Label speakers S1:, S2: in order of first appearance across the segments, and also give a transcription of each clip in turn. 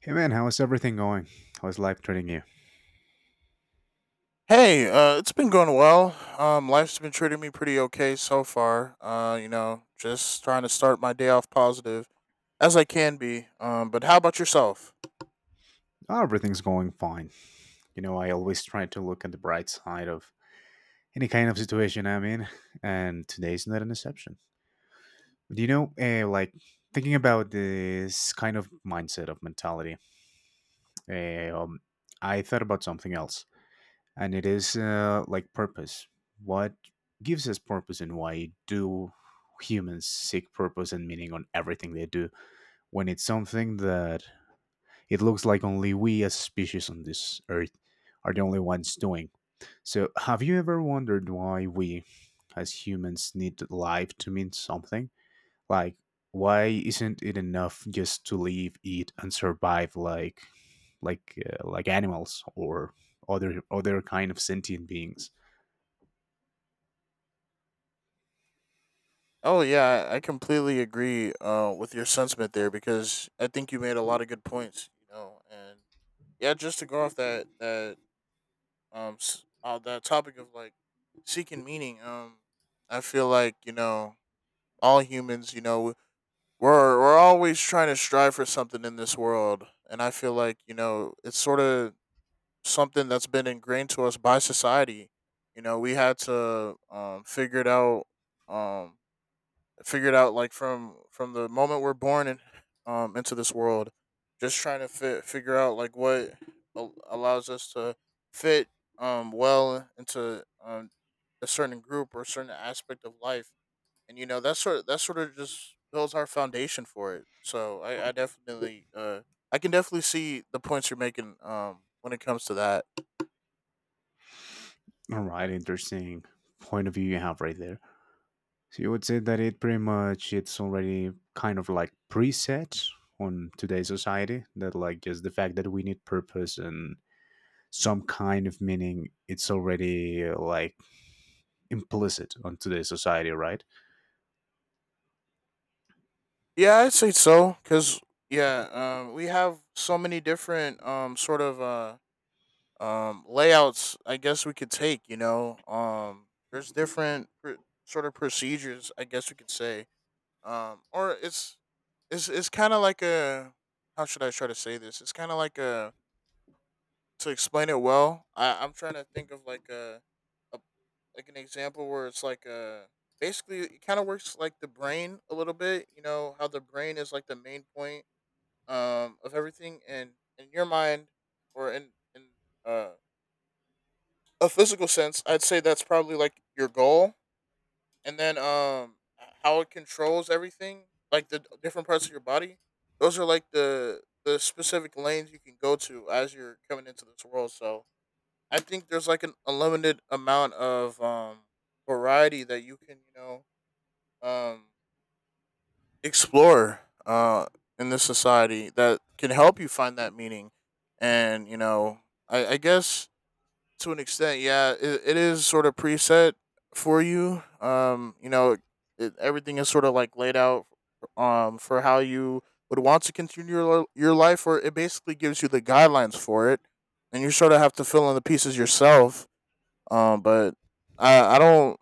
S1: Hey man, how is everything going? How is life treating you?
S2: Hey, it's been going well. Life's been treating me pretty okay so far. You know, just trying to start my day off positive as I can be. But how about yourself?
S1: Oh, everything's going fine. You know, I always try to look at the bright side of any kind of situation I'm in, and today's not an exception. Do you know, like, thinking about this kind of mindset of mentality, eh, um, I thought about something else, and it is like purpose. What gives us purpose, and why do humans seek purpose and meaning on everything they do when it's something that it looks like only we as species on this earth are the only ones doing. So, have you ever wondered why we as humans need life to mean something? Like, why isn't it enough just to live, eat, and survive like, like animals or other kind of sentient beings?
S2: Oh yeah, I completely agree. With your sentiment there because I think you made a lot of good points. You know, and yeah, just to go off that topic of like seeking meaning. I feel like you know all humans. You know, we're always trying to strive for something in this world, and I feel like you know it's sort of something that's been ingrained to us by society. You know, we had to figure it out um, figure it out like from the moment we're born in, into this world, just trying to figure out like what allows us to fit well into a certain group or certain aspect of life. And you know, that sort of just builds our foundation for it. So I definitely I can definitely see the points you're making when it comes to that.
S1: All right, interesting point of view you have right there. So you would say that it pretty much it's already kind of like preset on today's society, that like just the fact that we need purpose and some kind of meaning, it's already like implicit on today's society, right?
S2: Yeah, I'd say so because yeah, we have so many different layouts, I guess we could take. You know there's sort of procedures, I guess we could say, or it's kind of like a, how should I try to say this? It's kind of like a, to explain it well, I'm trying to think of like a, like an example where it's like a, basically it kind of works like the brain a little bit. You know how the brain is like the main point of everything, and in your mind, or in uh, a physical sense, I'd say that's probably like your goal, and then how it controls everything, like the different parts of your body. Those are like the specific lanes you can go to as you're coming into this world. So I think there's like an unlimited amount of variety that you can, you know, um explore in this society that can help you find that meaning. And, you know, I guess to an extent, yeah, it is sort of preset for you. You know, it, everything is sort of like laid out for how you would want to continue your life, or it basically gives you the guidelines for it, and you sort of have to fill in the pieces yourself, but I I don't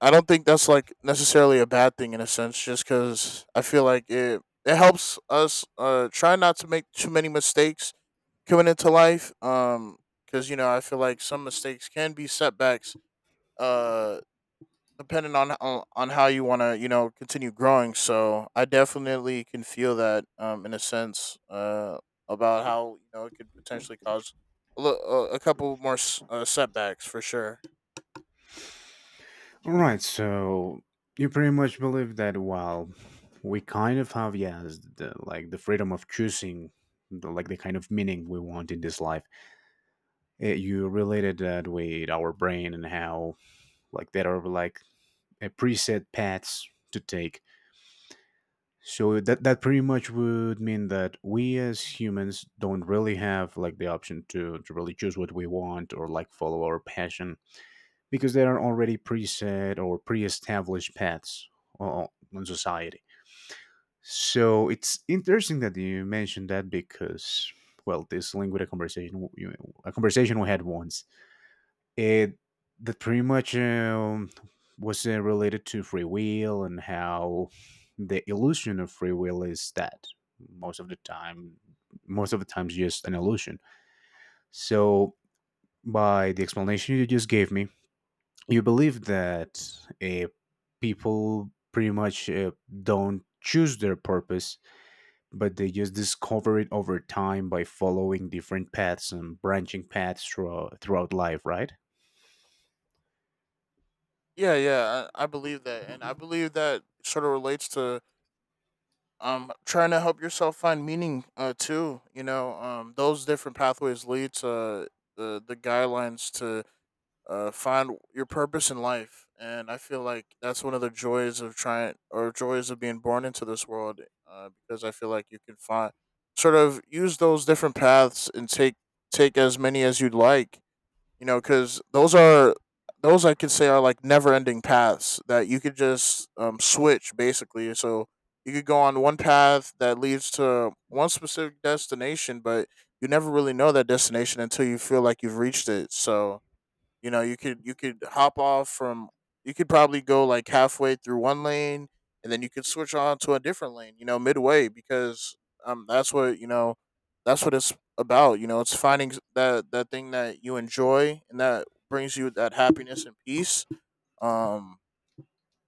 S2: I don't think that's like necessarily a bad thing in a sense, just because I feel like it helps us try not to make too many mistakes coming into life. Because you know, I feel like some mistakes can be setbacks. Uh. Depending on how you want to you know continue growing, so I definitely can feel that in a sense about how you know it could potentially cause a couple more setbacks for sure.
S1: All right, so you pretty much believe that while we kind of have, yes, the, like the freedom of choosing the, like the kind of meaning we want in this life. Eh, you related that with our brain and how like that are like preset paths to take. So that pretty much would mean that we as humans don't really have like the option to really choose what we want or like follow our passion, because there are already preset or pre-established paths o- on society. So it's interesting that you mentioned that because, well, this linked with a conversation we had once, it, that pretty much was related to free will, and how the illusion of free will is that most of the time, most of the times, just an illusion. So by the explanation you just gave me, you believe that uh, people pretty much don't choose their purpose, but they just discover it over time by following different paths and branching paths throughout life, right?
S2: Yeah, yeah, I believe that, and I believe that sort of relates to trying to help yourself find meaning too. You know, those different pathways lead to the guidelines to find your purpose in life, and I feel like that's one of the joys of trying, or joys of being born into this world. Because I feel like you can find, sort of use those different paths, and take as many as you'd like, you know, because those are, those I could say are like never ending paths that you could just switch basically. So you could go on one path that leads to one specific destination, but you never really know that destination until you feel like you've reached it. So you know, you could hop off from, you could probably go like halfway through one lane, and then you could switch on to a different lane, you know, midway, because that's what, you know, that's what it's about. You know, it's finding that, that thing that you enjoy and that brings you that happiness and peace. Um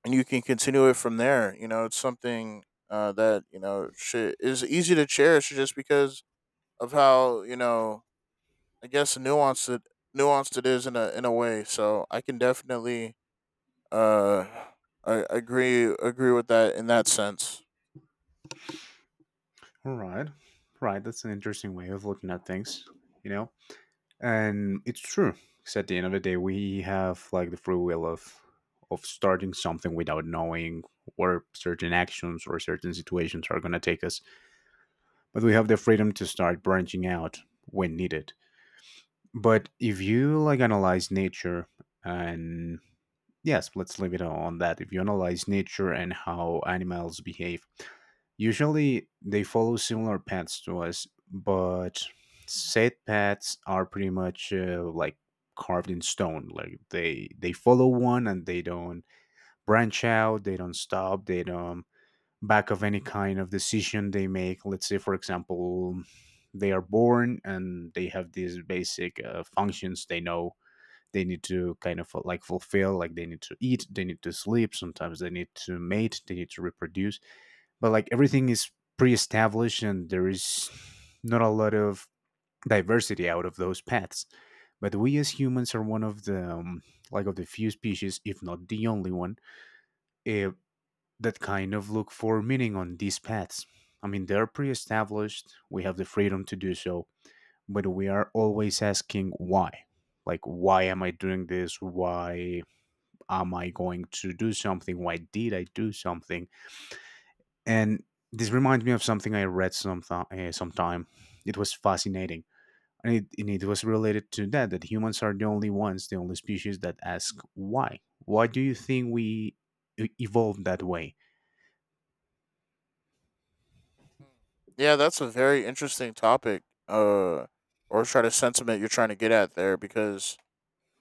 S2: and you can continue it from there. You know, it's something that you know should, is easy to cherish, just because of how you know, I guess nuanced it is in a way. So I can definitely uh I agree with that in that sense.
S1: All right. Right. That's an interesting way of looking at things, you know? And it's true. Because at the end of the day, we have like the free will of starting something without knowing where certain actions or certain situations are going to take us. But we have the freedom to start branching out when needed. But if you like analyze nature and, yes, let's leave it on that. If you analyze nature and how animals behave, usually they follow similar paths to us, but said paths are pretty much like carved in stone. Like they follow one and they don't branch out, they don't stop, they don't back of any kind of decision they make. Let's say, for example, they are born and they have these basic functions they know they need to kind of like fulfill, like they need to eat, they need to sleep, sometimes they need to mate, they need to reproduce, but like everything is pre-established and there is not a lot of diversity out of those paths. But we as humans are one of the like of the few species, if not the only one, eh, that kind of look for meaning on these paths. I mean, they're pre established, we have the freedom to do so, but we are always asking why. Like, why am I doing this? Why am I going to do something? Why did I do something? And this reminds me of something I read some, sometime. It was fascinating. And it was related to that, that humans are the only ones, the only species that ask why. Why do you think we evolved that way?
S2: Yeah, that's a very interesting topic. Uh or try to sentiment you're trying to get at there, because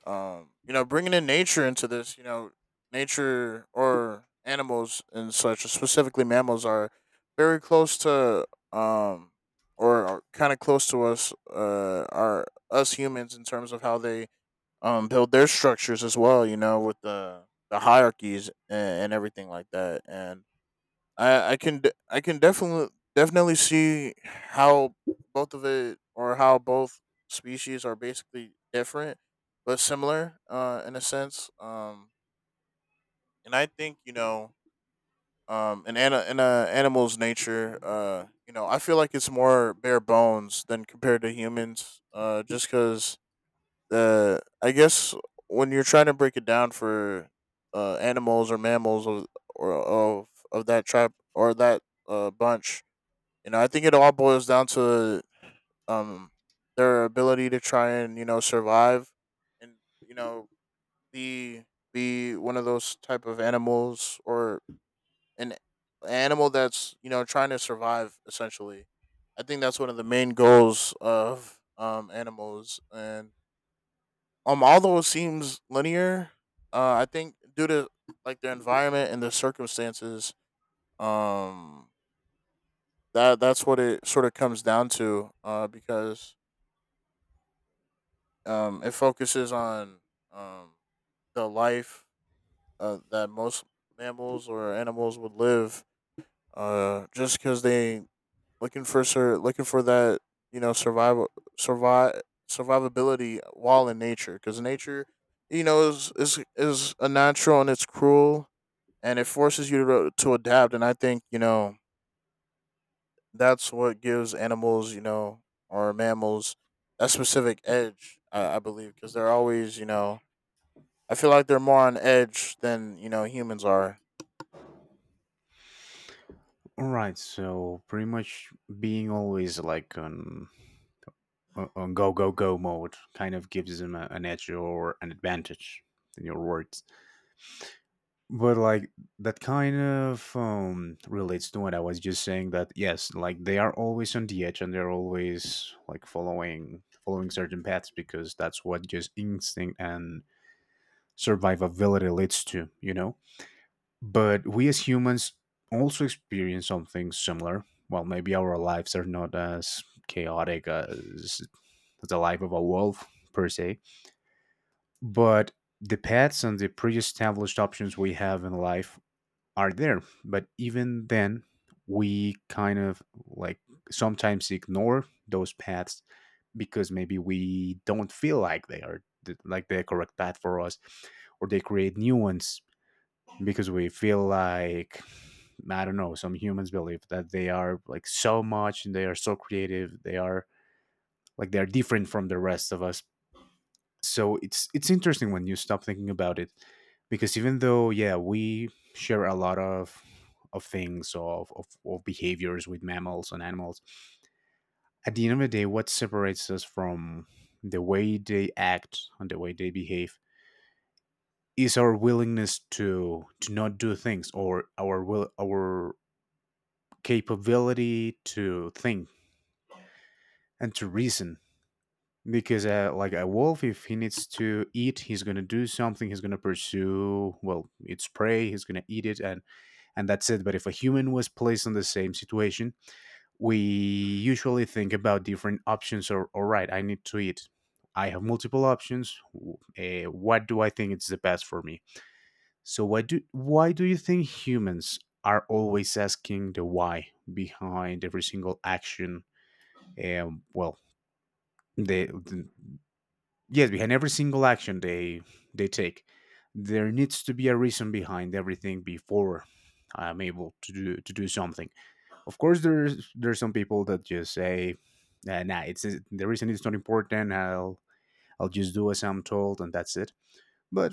S2: You know, bringing in nature into this, you know, nature or animals and such, specifically mammals, are very close to um or are kind of close to us, are us humans, in terms of how they build their structures as well. You know, with the hierarchies and everything like that. And I can I can definitely see how both of it, or how both species are basically different but similar in a sense, and I think you know in an in a animal's nature, you know, I feel like it's more bare bones than compared to humans, just cuz the I guess when you're trying to break it down for animals or mammals of, or of that tribe or that bunch, you know, I think it all boils down to um their ability to try and you know survive, and you know, be be one of those type of animals, or an animal that's you know trying to survive essentially. I think that's one of the main goals of animals, and although it seems linear, I think due to like their environment and their circumstances, um that that's what it sort of comes down to, because it focuses on um, the life that most mammals or animals would live, just because they looking for looking for that you know survival, survive survivability while in nature, because nature, you know, is unnatural and it's cruel, and it forces you to adapt. And I think you know that's what gives animals, you know, or mammals that specific edge. I believe because they're always you know, I feel like they're more on edge than you know humans are.
S1: All right, so pretty much being always like on on go go go mode kind of gives them a, an edge or an advantage, in your words. But like that kind of relates to what I was just saying, that yes, like they are always on the edge, and they're always like following certain paths because that's what just instinct and survivability leads to, you know. But we as humans also experience something similar. Well, maybe our lives are not as chaotic as the life of a wolf per se, but the paths and the pre-established options we have in life are there. But even then, we kind of like sometimes ignore those paths because maybe we don't feel like they are the, like the correct path for us, or they create new ones because we feel like, I don't know. Some humans believe that they are like so much and they are so creative. They are like, they are different from the rest of us. So it's interesting when you stop thinking about it, because even though yeah, we share a lot of things of behaviors with mammals and animals, at the end of the day what separates us from the way they act and the way they behave is our willingness to not do things, or our will, our capability to think and to reason. Because like a wolf, if he needs to eat, he's going to do something, he's going to pursue, well, it's prey, he's going to eat it. And that's it. But if a human was placed in the same situation, we usually think about different options. Or, all right, I need to eat, I have multiple options, what do I think is the best for me? So why do you think humans are always asking the why behind every single action? Well, the yes, behind every single action they take, there needs to be a reason behind everything before I'm able to do, something. Of course there's some people that just say, nah, nah, it's, the reason is not important, I'll, just do as I'm told and that's it. But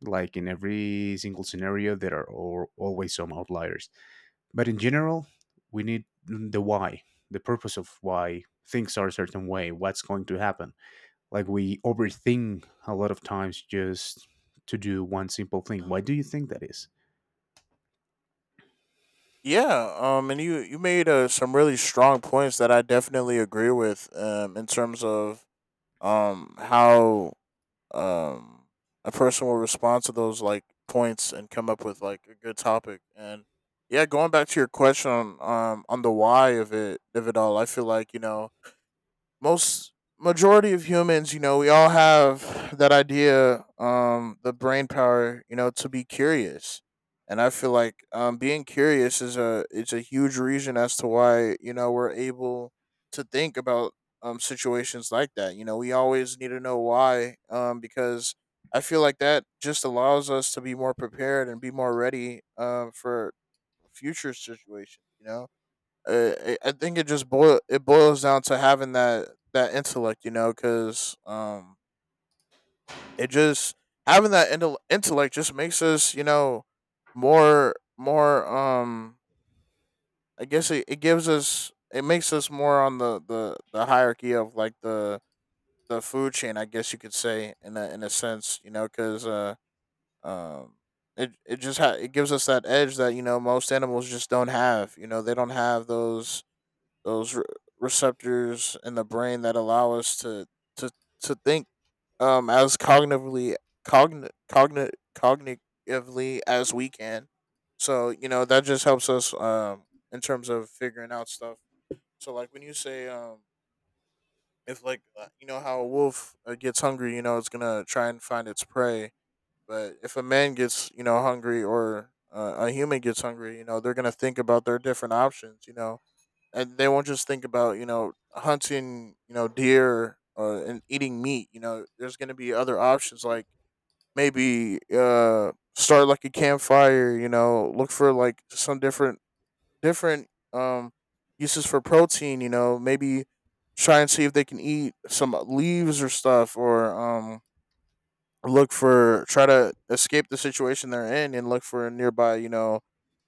S1: like, in every single scenario there are always some outliers, but in general we need the why, the purpose of why things are a certain way, what's going to happen. Like we overthink a lot of times just to do one simple thing. Why do you think that is?
S2: Yeah, and you made some really strong points that I definitely agree with. In terms of how um a person will respond to those like points and come up with like a good topic. And yeah, going back to your question on the why of it all, I feel like you know most majority of humans, you know, we all have that idea, the brain power, you know, to be curious. And I feel like being curious is a it's a huge reason as to why you know we're able to think about situations like that. You know, we always need to know why because I feel like that just allows us to be more prepared and be more ready for future situations. You know, I think it just boil it boils down to having that intellect, you know, because it just having that intellect just makes us, you know, more I guess it gives us, it makes us more on the hierarchy of like the food chain, I guess you could say, in a sense, you know, because um. It, it just it gives us that edge that you know most animals just don't have. You know, they don't have those those re- receptors in the brain that allow us to to think as cognitively as we can. So you know that just helps us in terms of figuring out stuff. So like when you say if like you know how a wolf gets hungry, you know it's gonna try and find its prey. But if a man gets you know hungry, or a human gets hungry, you know they're gonna think about their different options. You know and they won't just think about hunting, you know, deer and eating meat. You know, there's going to be other options like maybe start like a campfire, you know, look for like some different uses for protein. You know, maybe try and see if they can eat some leaves or stuff, or look for, try to escape the situation they're in and look for a nearby, you know,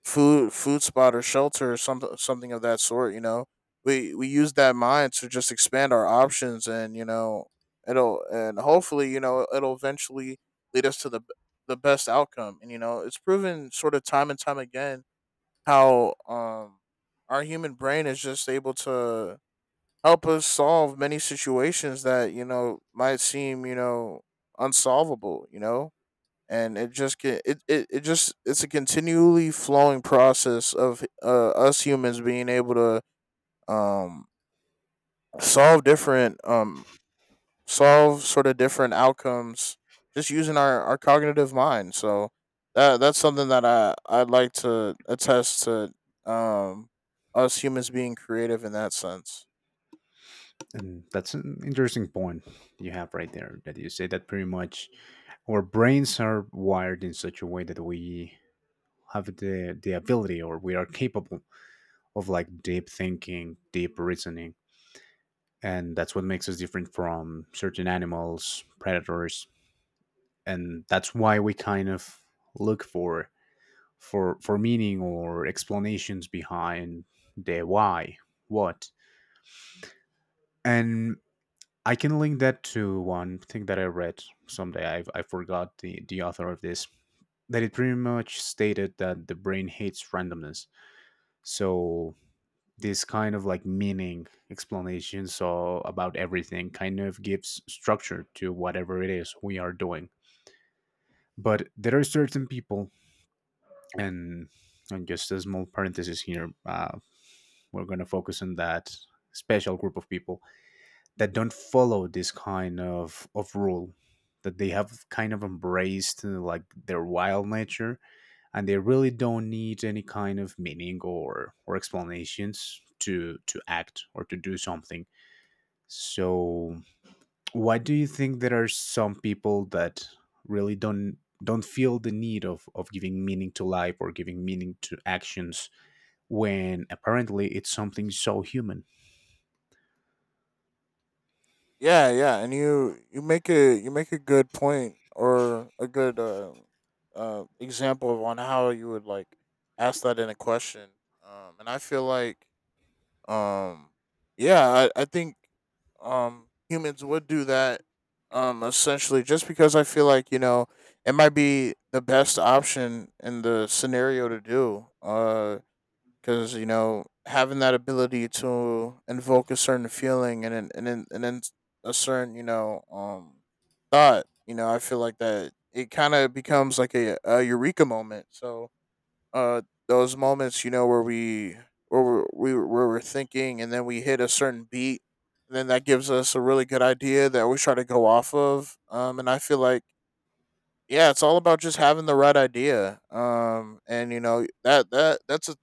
S2: food spot or shelter or something of that sort, you know, we use that mind to just expand our options. And, you know, it'll and hopefully, you know, it'll eventually lead us to the best outcome. And you know it's proven sort of time and time again how our human brain is just able to help us solve many situations that, you know, might seem, you know, unsolvable, you know. And it just get it, it, it just it's a continually flowing process of us humans being able to, um solve different, solve sort of different outcomes, just using our cognitive mind. So that's something that I'd like to attest to, um us humans being creative in that sense.
S1: And that's an interesting point you have right there, that you say that pretty much our brains are wired in such a way that we have the ability, or we are capable of like deep thinking, deep reasoning. And that's what makes us different from certain animals, predators. And that's why we kind of look for for meaning or explanations behind their why, what. And I can link that to one thing that I read someday. I have, I forgot the author of this, that it pretty much stated that the brain hates randomness. So this kind of like meaning, explanation so about everything, kind of gives structure to whatever it is we are doing. But there are certain people, and and just a small parenthesis here, we're going to focus on that special group of people that don't follow this kind of rule, that they have kind of embraced like their wild nature, and they really don't need any kind of meaning, or explanations to act or to do something. So why do you think there are some people that really don't feel the need of giving meaning to life or giving meaning to actions, when apparently it's something so human?
S2: Yeah, yeah, and you make a good point, or a good example of on how you would like ask that in a question. And I feel like, um, I think humans would do that, essentially just because I feel like, you know, it might be the best option in the scenario to do. Because, you know, having that ability to invoke a certain feeling and and then a certain, you know, thought, you know, I feel like that it kind of becomes like a eureka moment. So uh those moments, you know, where we where we're thinking and then we hit a certain beat, and then that gives us a really good idea that we try to go off of. And I feel like, yeah, it's all about just having the right idea. And you know that that's a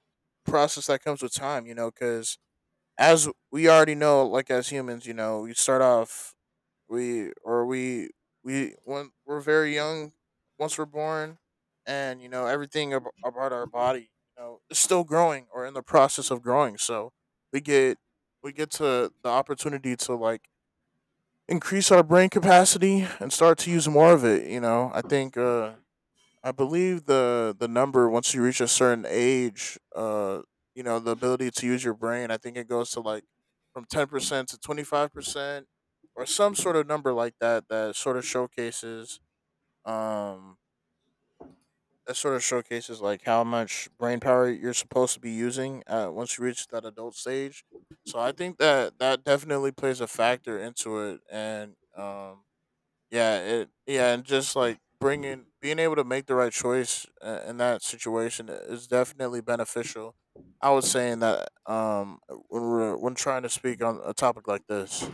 S2: process that comes with time. You know, because, as we already know, like, as humans, you know, we start off, we or we we when we're very young, once we're born, and you know everything about our body, you know, is still growing or in the process of growing. So we get we get to the opportunity to like increase our brain capacity and start to use more of it. You know, I think, I believe the number, once you reach a certain age, you know, the ability to use your brain, I think it goes to like from 10% to 25%, or some sort of number like that, that sort of showcases, um like how much brain power you're supposed to be using once you reach that adult stage. So I think that that definitely plays a factor into it. And yeah, it yeah, and just like bringing being able to make the right choice in that situation is definitely beneficial. I was saying that when we're, when trying to speak on a topic like this.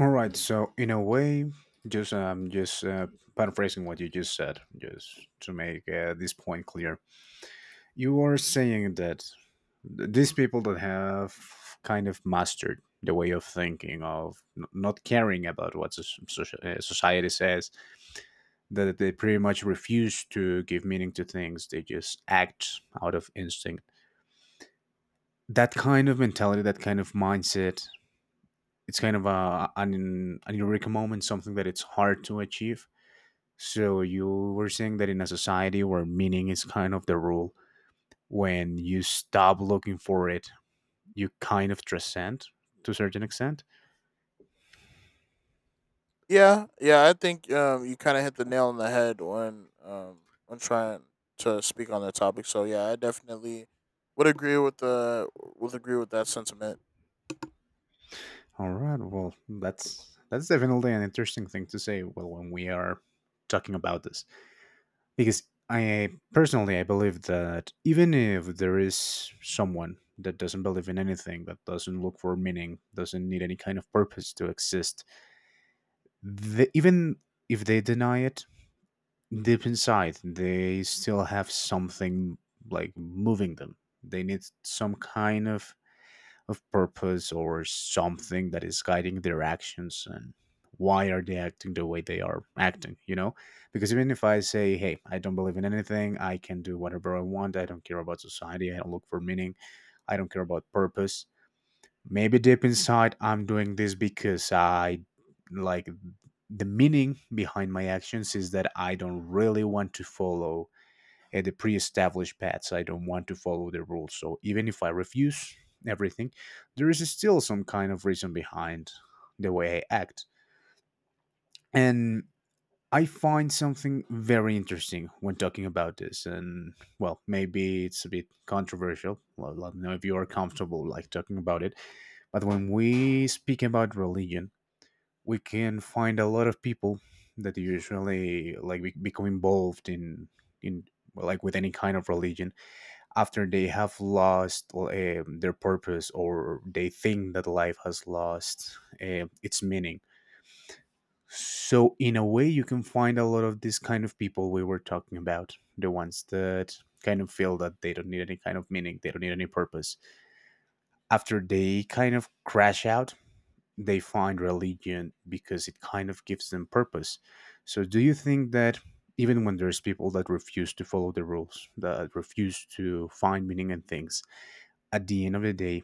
S1: All right. So in a way, just paraphrasing what you just said, just to make this point clear, you are saying that these people that have kind of mastered the way of thinking of, not caring about what society says, that they pretty much refuse to give meaning to things, they just act out of instinct. That kind of mentality, that kind of mindset, it's kind of a, an eureka moment, something that it's hard to achieve. So you were saying that in a society where meaning is kind of the rule, when you stop looking for it, you kind of transcend to a certain extent.
S2: Yeah, yeah, I think you kind of hit the nail on the head when trying to speak on that topic. So yeah, I definitely would agree with the, would agree with that sentiment.
S1: All right, well that's definitely an interesting thing to say. Well, when we are talking about this, because I personally I believe that even if there is someone that doesn't believe in anything, that doesn't look for meaning, doesn't need any kind of purpose to exist, even if they deny it deep inside, they still have something like moving them. They need some kind of purpose or something that is guiding their actions, and why are they acting the way they are acting? You know, because even if I say, hey, I don't believe in anything, I can do whatever I want, I don't care about society, I don't look for meaning, I don't care about purpose. Maybe deep inside, I'm doing this because I, like, the meaning behind my actions is that I don't really want to follow the pre established paths. I don't want to follow the rules. So even if I refuse everything, there is still some kind of reason behind the way I act. And I find something very interesting when talking about this, and well, maybe it's a bit controversial. Well, let me know if you are comfortable like talking about it. But when we speak about religion, we can find a lot of people that usually like become involved in like with any kind of religion after they have lost their purpose, or they think that life has lost its meaning. So in a way, you can find a lot of these kind of people we were talking about, the ones that kind of feel that they don't need any kind of meaning, they don't need any purpose. After they kind of crash out, they find religion because it kind of gives them purpose. So do you think that even when there's people that refuse to follow the rules, that refuse to find meaning in things, at the end of the day,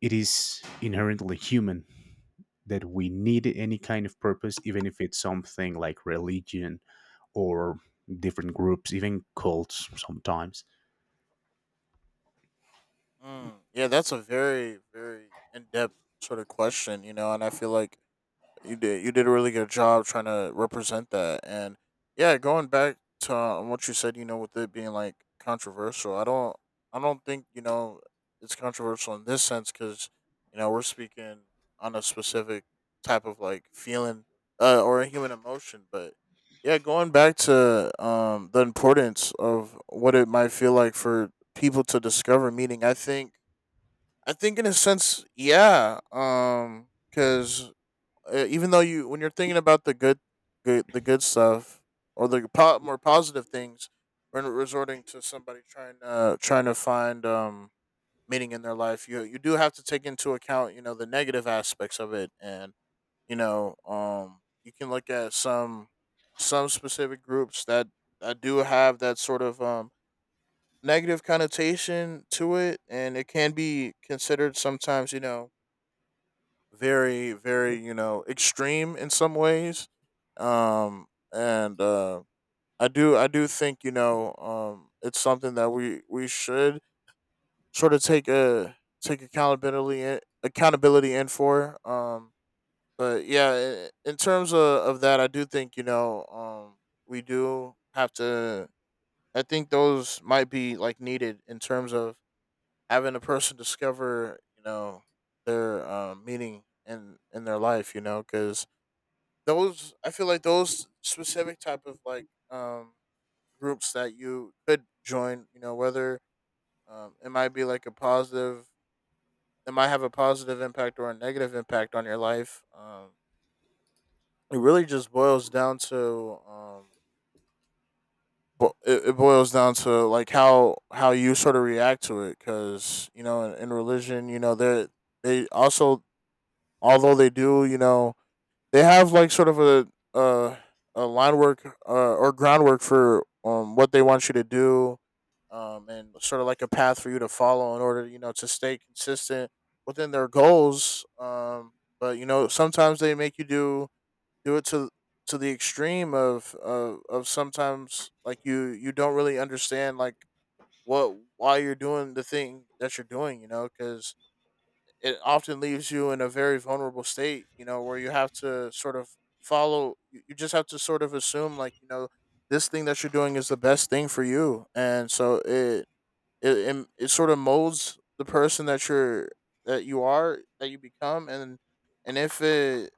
S1: it is inherently human that we need any kind of purpose, even if it's something like religion or different groups, even cults sometimes?
S2: Mm, yeah, that's a very, very in depth sort of question, you know, and I feel like you did. You did a really good job trying to represent that. And yeah, going back to what you said, you know, with it being like controversial, I don't think, you know, it's controversial in this sense, because, you know, we're speaking on a specific type of like feeling, or a human emotion. But yeah, going back to the importance of what it might feel like for people to discover meaning, I think in a sense, yeah, because, even though you when you're thinking about the good stuff, or the more positive things, when resorting to somebody trying to find meaning in their life, you do have to take into account, you know, the negative aspects of it. And you know you can look at some specific groups that that do have that sort of negative connotation to it, and it can be considered sometimes, you know, very, very, you know, extreme in some ways. Um and I do think, you know, it's something that we should sort of take accountability in, accountability in for. But yeah, in terms of that, I do think, you know, we do have to, I think those might be like needed in terms of having a person discover, you know, their, meaning in their life, you know, because those I feel like those specific type of like groups that you could join, you know, whether it might be like a positive, it might have a positive impact or a negative impact on your life. It really just boils down to it boils down to like how you sort of react to it, cuz you know in religion, you know, they also, although they do, you know, they have like sort of uh, a line work, or groundwork for what they want you to do, and sort of like a path for you to follow in order, you know, to stay consistent within their goals. But you know sometimes they make you do it to the extreme of of, sometimes like you don't really understand like what why you're doing the thing that you're doing, you know, because it often leaves you in a very vulnerable state, you know, where you have to sort of follow, you just have to sort of assume, like, you know, this thing that you're doing is the best thing for you. And so it sort of molds the person that that you are, that you become. And, and if it,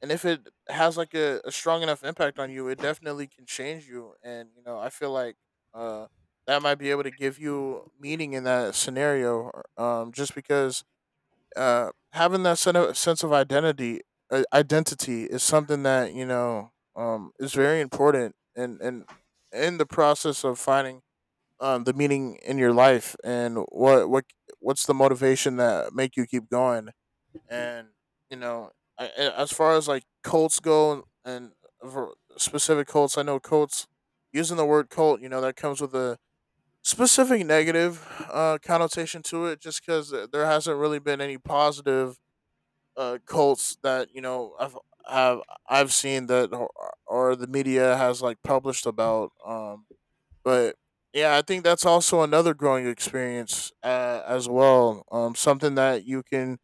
S2: and if it has like a strong enough impact on you, it definitely can change you. And, you know, I feel like, uh, that might be able to give you meaning in that scenario, just because, having that sense of identity, identity is something that, you know, is very important. And in the process of finding, the meaning in your life, and what's the motivation that make you keep going. And, you know, as far as like cults go, and for specific cults, I know cults, using the word cult, you know that comes with a specific negative, connotation to it, just because there hasn't really been any positive, cults that, you know, have I've seen, or the media has like published about. But yeah, I think that's also another growing experience, as well. Something that you can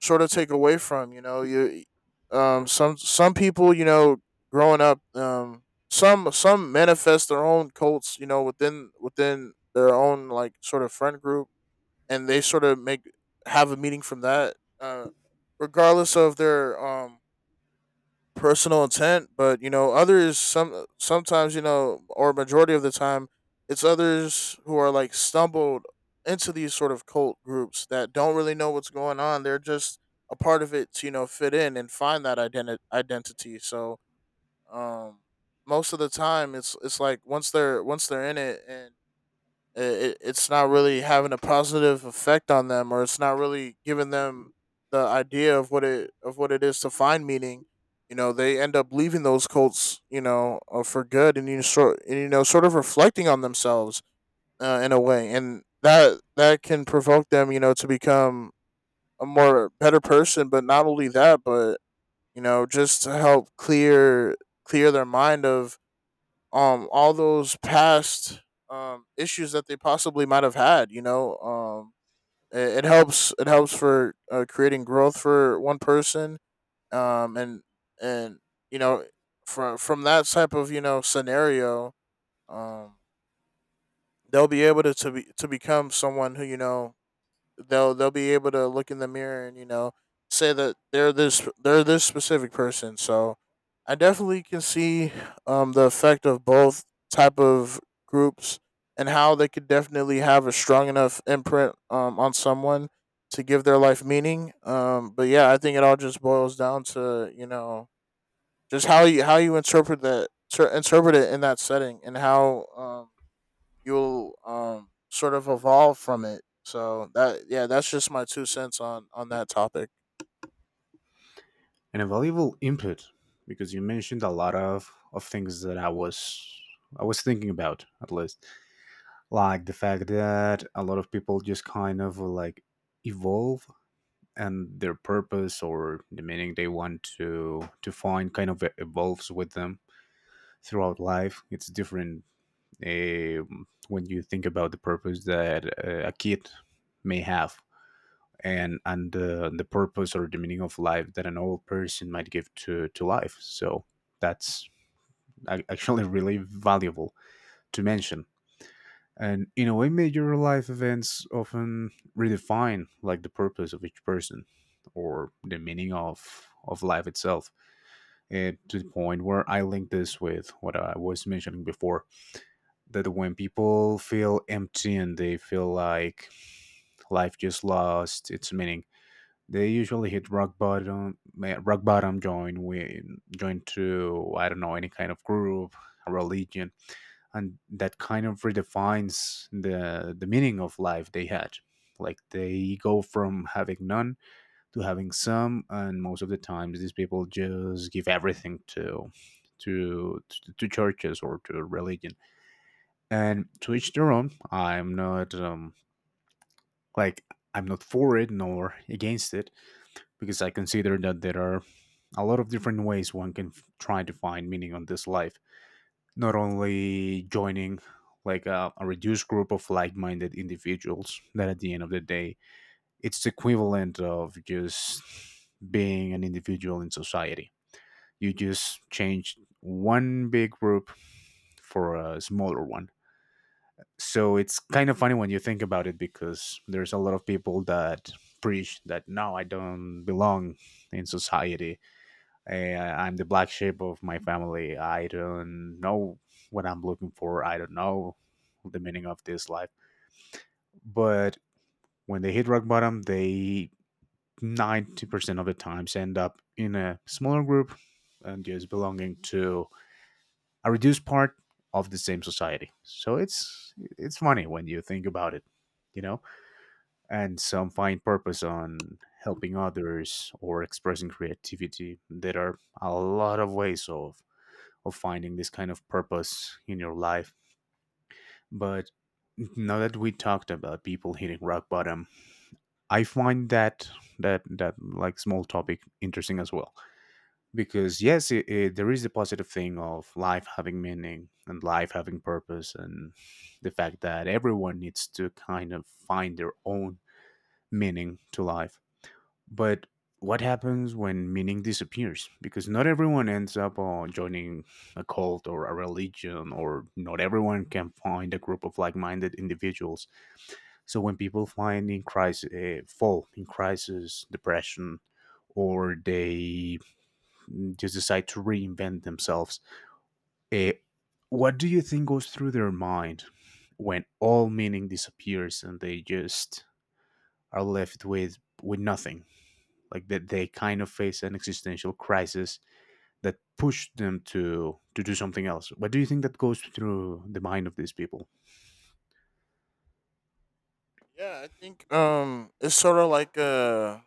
S2: sort of take away from. You know, you some people, you know, growing up. Some manifest their own cults, you know, within, within their own like sort of friend group, and they sort of make have a meeting from that, regardless of their personal intent. But you know, others some sometimes, you know, or majority of the time, it's others who are like stumbled into these sort of cult groups that don't really know what's going on. They're just a part of it to, you know, fit in and find that identity. So um, most of the time, it's like once they're, once they're in it, and it, it's not really having a positive effect on them, or it's not really giving them the idea of what it is to find meaning. You know, they end up leaving those cults, you know, for good, and you sort and, you know, sort of reflecting on themselves, in a way. And that, that can provoke them, you know, to become a more better person. But not only that, but, you know, just to help clear their mind of, all those past, issues that they possibly might have had, you know. It helps, it helps for, creating growth for one person. Um and and You know, from that type of, you know, scenario, um they'll be able to, be, to become someone who, you know, they'll be able to look in the mirror and, you know, say that they're this specific person. So I definitely can see, the effect of both type of groups, and how they could definitely have a strong enough imprint, on someone, to give their life meaning. But yeah, I think it all just boils down to, you know, just how you interpret that interpret it in that setting, and how, you'll sort of evolve from it. So that Yeah, that's just my two cents on that topic.
S1: And a valuable input, because you mentioned a lot of things that I was thinking about at least. Like the fact that a lot of people just kind of like evolve, and their purpose or the meaning they want to find kind of evolves with them throughout life. It's different uh, when you think about the purpose that a kid may have, and the purpose or the meaning of life that an old person might give to life. So that's actually really valuable to mention. And in a way, major life events often redefine like the purpose of each person or the meaning of life itself. And to the point where I link this with what I was mentioning before, that when people feel empty and they feel like life just lost its meaning, they usually hit rock bottom. Rock bottom, join with join to I don't know, any kind of group, a religion, and that kind of redefines the meaning of life they had. Like they go from having none to having some, and most of the times these people just give everything to to churches or to religion. And to each their own. I'm not like, I'm not for it nor against it, because I consider that there are a lot of different ways one can try to find meaning on this life. Not only joining like a reduced group of like-minded individuals that at the end of the day it's the equivalent of just being an individual in society. You just change one big group for a smaller one. So it's kind of funny when you think about it, because there's a lot of people that preach that, no, I don't belong in society. Eh, I'm the black sheep of my family, I don't know what I'm looking for, I don't know the meaning of this life. But when they hit rock bottom, they 90% of the times end up in a smaller group and just belonging to a reduced part of the same society. So it's funny when you think about it, you know. And some find purpose on helping others or expressing creativity. There are a lot of ways of finding this kind of purpose in your life. But now that we talked about people hitting rock bottom, I find that like small topic interesting as well, because yes, there is the positive thing of life having meaning and life having purpose, and the fact that everyone needs to kind of find their own meaning to life. But what happens when meaning disappears? Because not everyone ends up joining a cult or a religion, or not everyone can find a group of like minded individuals. So when people find in crisis, fall in crisis, depression, or they, mm, just decide to reinvent themselves, uh, what do you think goes through their mind when all meaning disappears and they just are left with nothing? Like that they kind of face an existential crisis that pushed them to do something else. What do you think that goes through the mind of these people?
S2: Yeah, I think it's sort of like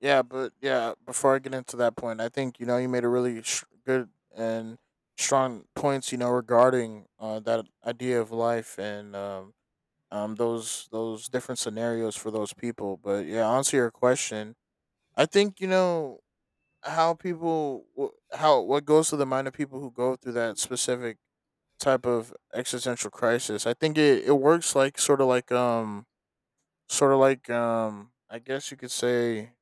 S2: yeah, but yeah, before I get into that point, I think you made a really good and strong points, regarding that idea of life and those different scenarios for those people. But yeah, answer your question. I think how people wh- how what goes through the mind of people who go through that specific type of existential crisis. I think it works like I guess you could say,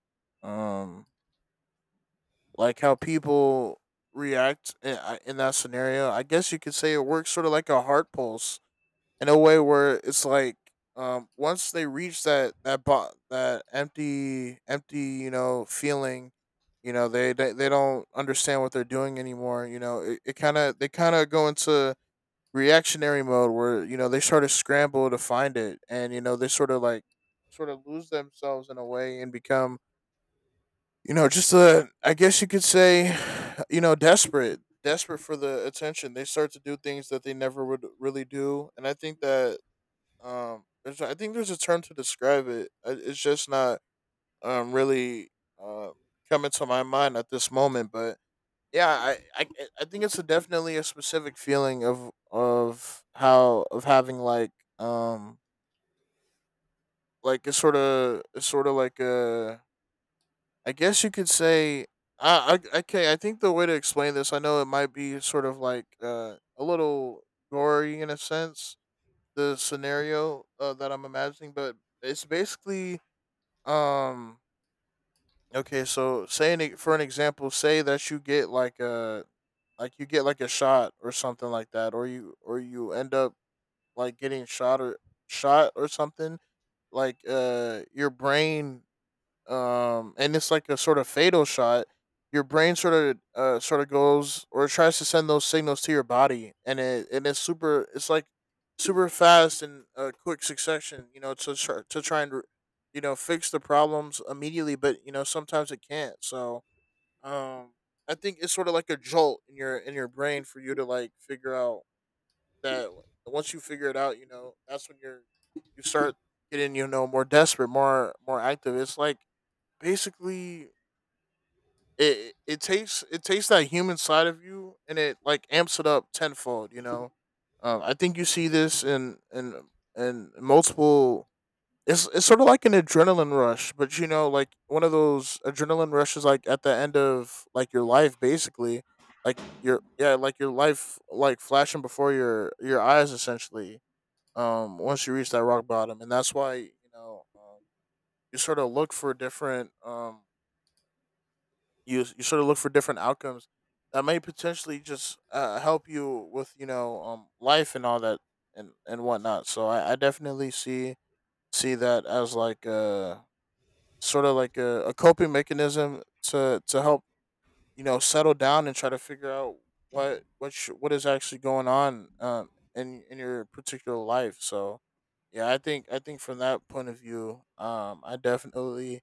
S2: um like how people react in that scenario. I guess you could say it works sort of like a heart pulse in a way where it's like once they reach that empty feeling. They don't understand what they're doing anymore. You know it, it kind of They kind of go into reactionary mode where they sort of scramble to find it, and they sort of lose themselves in a way and become you know just a I guess you could say desperate for the attention. They start to do things that they never would really do, and I think that I think there's a term to describe it. It's just not really uh, coming to my mind at this moment. But yeah, I think it's a definitely a specific feeling of how of having like, um like, it's sort of like a I guess you could say I okay, I think the way to explain this, I know it might be sort of like a little gory in a sense, the scenario that I'm imagining, but it's basically Um. Okay. So, for an example, say that you get like you get like a shot or something like that, or you end up like getting shot or something. Like, your brain, and it's like a sort of fatal shot. Your brain sort of goes or tries to send those signals to your body, and it and it's super. It's like super fast and quick succession. To try and fix the problems immediately, but sometimes it can't. So um, I think it's sort of like a jolt in your brain for you to like figure out that once you figure it out, that's when you start getting more desperate, more active. It's like basically it takes that human side of you, and it like amps it up tenfold. I think you see this in multiple. It's sort of like an adrenaline rush, but like one of those adrenaline rushes, like at the end of like your life basically. Like your yeah like your life, like flashing before your eyes essentially, once you reach that rock bottom. And that's why, you sort of look for different, you sort of look for different outcomes that may potentially just help you with life and all that, and whatnot. So I definitely see that as like a sort of like a coping mechanism to help, settle down and try to figure out what is actually going on, in your particular life. So yeah, I think from that point of view, I definitely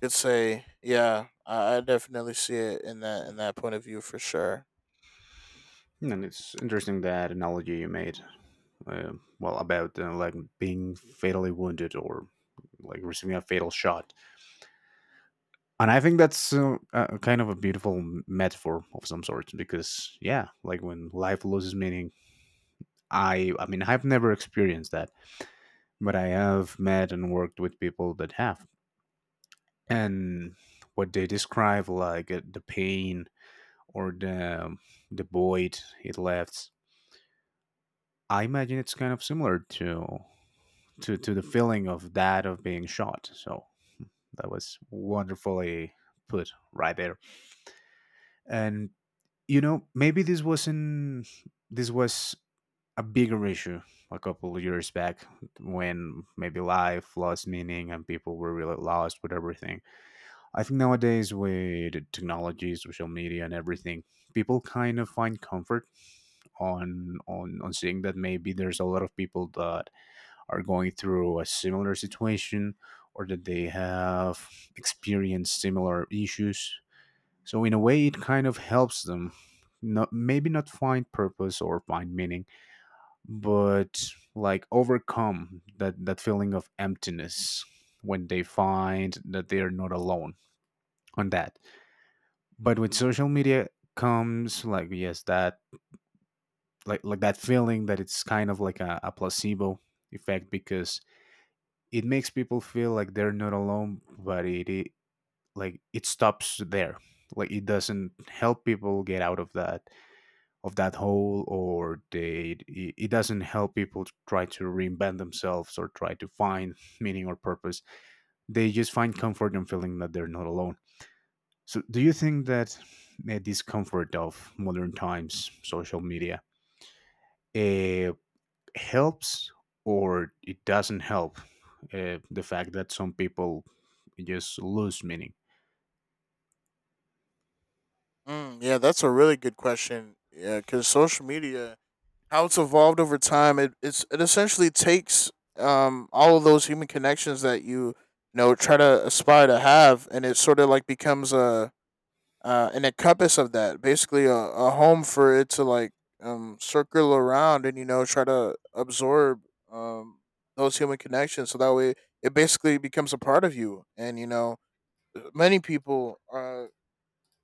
S2: could say, yeah, I definitely see it in that point of view for sure.
S1: And it's interesting that analogy you made. uh, well, about like being fatally wounded or like receiving a fatal shot. And I think that's kind of a beautiful metaphor of some sort, because yeah, like when life loses meaning, I mean, I've never experienced that, but I have met and worked with people that have. And what they describe, like the pain or the void it left, I imagine it's kind of similar to to the feeling of that of being shot. So that was wonderfully put right there. And you know, maybe this wasn't, this was a bigger issue a couple of years back, when maybe life lost meaning and people were really lost with everything. I think nowadays with technology, social media, and everything, people kind of find comfort on seeing that maybe there's a lot of people that are going through a similar situation, or that they have experienced similar issues. So in a way, it kind of helps them. Not, maybe not find purpose or find meaning, but like overcome that, that feeling of emptiness when they find that they are not alone on that. But with social media comes like, yes, that, like that feeling that it's kind of like a placebo effect, because it makes people feel like they're not alone, but it like it stops there. Like it doesn't help people get out of that, of that hole, or they, it doesn't help people to try to reinvent themselves or try to find meaning or purpose. They just find comfort in feeling that they're not alone. So, do you think that the discomfort of modern times, social media, uh, helps or it doesn't help the fact that some people just lose meaning?
S2: Mm, yeah, that's a really good question. Yeah, because social media, how it's evolved over time, it essentially takes all of those human connections that you know try to aspire to have, and it sort of like becomes a an encompass of that, basically a home for it to like, circle around, and try to absorb, um, those human connections. So that way, it basically becomes a part of you. And you know, many people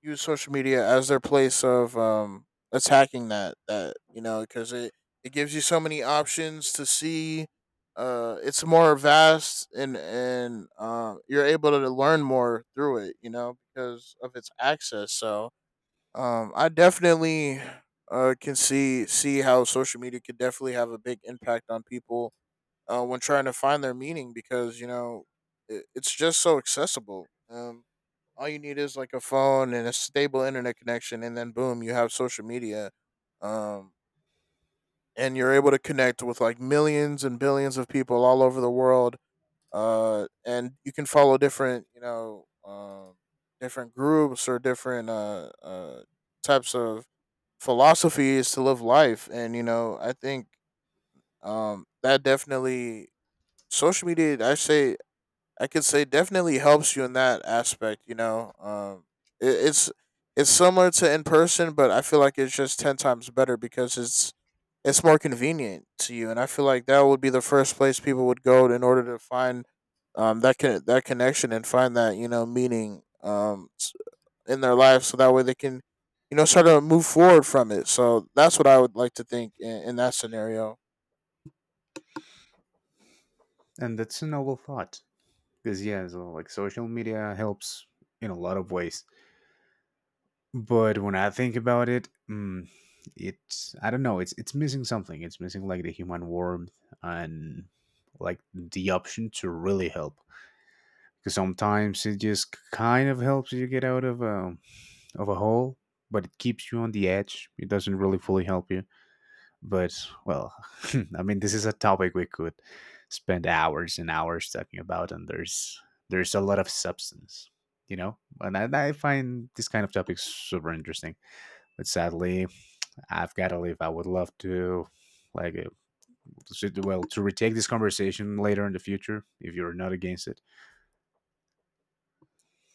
S2: use social media as their place of, attacking that, because it gives you so many options to see. It's more vast and you're able to learn more through it, you know, because of its access. So I definitely can see how social media could definitely have a big impact on people when trying to find their meaning, because it's just so accessible. All you need is like a phone and a stable internet connection, and then boom, you have social media, um, and you're able to connect with like millions and billions of people all over the world. And you can follow different, you know, different, groups or different types of philosophy is to live life. And I think that definitely social media, I could say, definitely helps you in that aspect. It's it's similar to in person, but I feel like it's just 10 times better because it's more convenient to you, and I feel like that would be the first place people would go in order to find, that connection and find that, meaning, in their life so that way they can, sort of move forward from it. So that's what I would like to think in that scenario.
S1: And that's a noble thought, because, yeah, so, like social media helps in a lot of ways. But when I think about it, mm, it's, I don't know, it's missing something. It's missing like the human warmth and like the option to really help, because sometimes it just kind of helps you get out of a hole, but it keeps you on the edge. It doesn't really fully help you. But, well, I mean, this is a topic we could spend hours and hours talking about, and there's a lot of substance, you know. And I find this kind of topics super interesting. But sadly, I've got to leave. I would love to. Like, well, to retake this conversation later in the future, if you're not against it.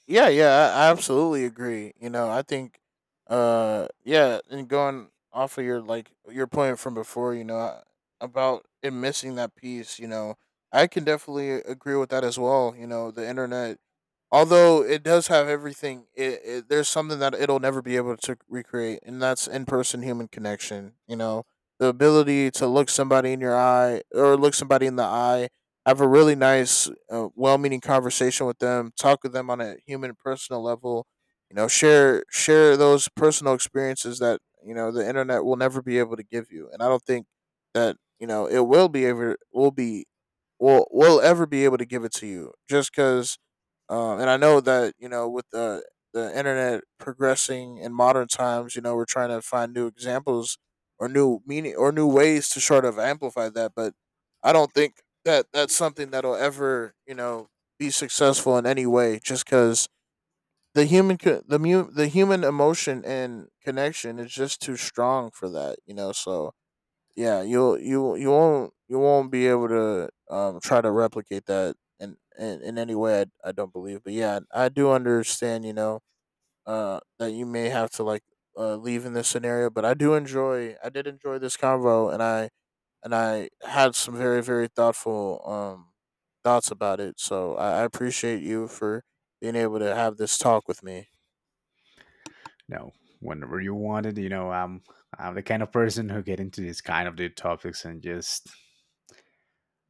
S2: Yeah, yeah, I absolutely agree. You know, I think yeah and going off of your point from before, about it missing that piece. You know, I can definitely agree with that as well. The internet, although it does have everything, there's something that it'll never be able to recreate, and that's in-person human connection. The ability to look somebody in the eye, have a really nice, well-meaning conversation with them, talk with them on a human personal level. Share those personal experiences that, the internet will never be able to give you. And I don't think that, it will be ever will be will ever be able to give it to you, just because, and I know that, with the internet progressing in modern times, you know we're trying to find new examples or new meaning or new ways to sort of amplify that. But I don't think that that's something that'll ever, be successful in any way, just because the human co- the mu- the human emotion and connection is just too strong for that. So yeah, you won't be able to try to replicate that in, any way, I don't believe. But yeah, I do understand. That you may have to like, leave in this scenario. But I do enjoy. I did enjoy this convo, and I had some very, very thoughtful, thoughts about it. So I appreciate you for being able to have this talk with me.
S1: No, whenever you want it. You know, I'm the kind of person who get into these kind of deep topics and just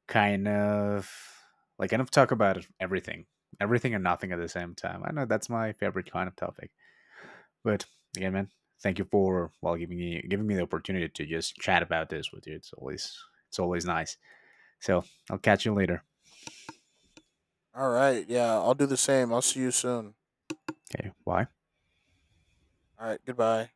S1: kind of like kind of talk about everything, everything and nothing at the same time. I know that's my favorite kind of topic. But again, man, thank you for, well, giving me the opportunity to just chat about this with you. It's always, it's always nice. So I'll catch you later.
S2: All right, yeah, I'll do the same. I'll see you soon.
S1: Okay, bye.
S2: All right, goodbye.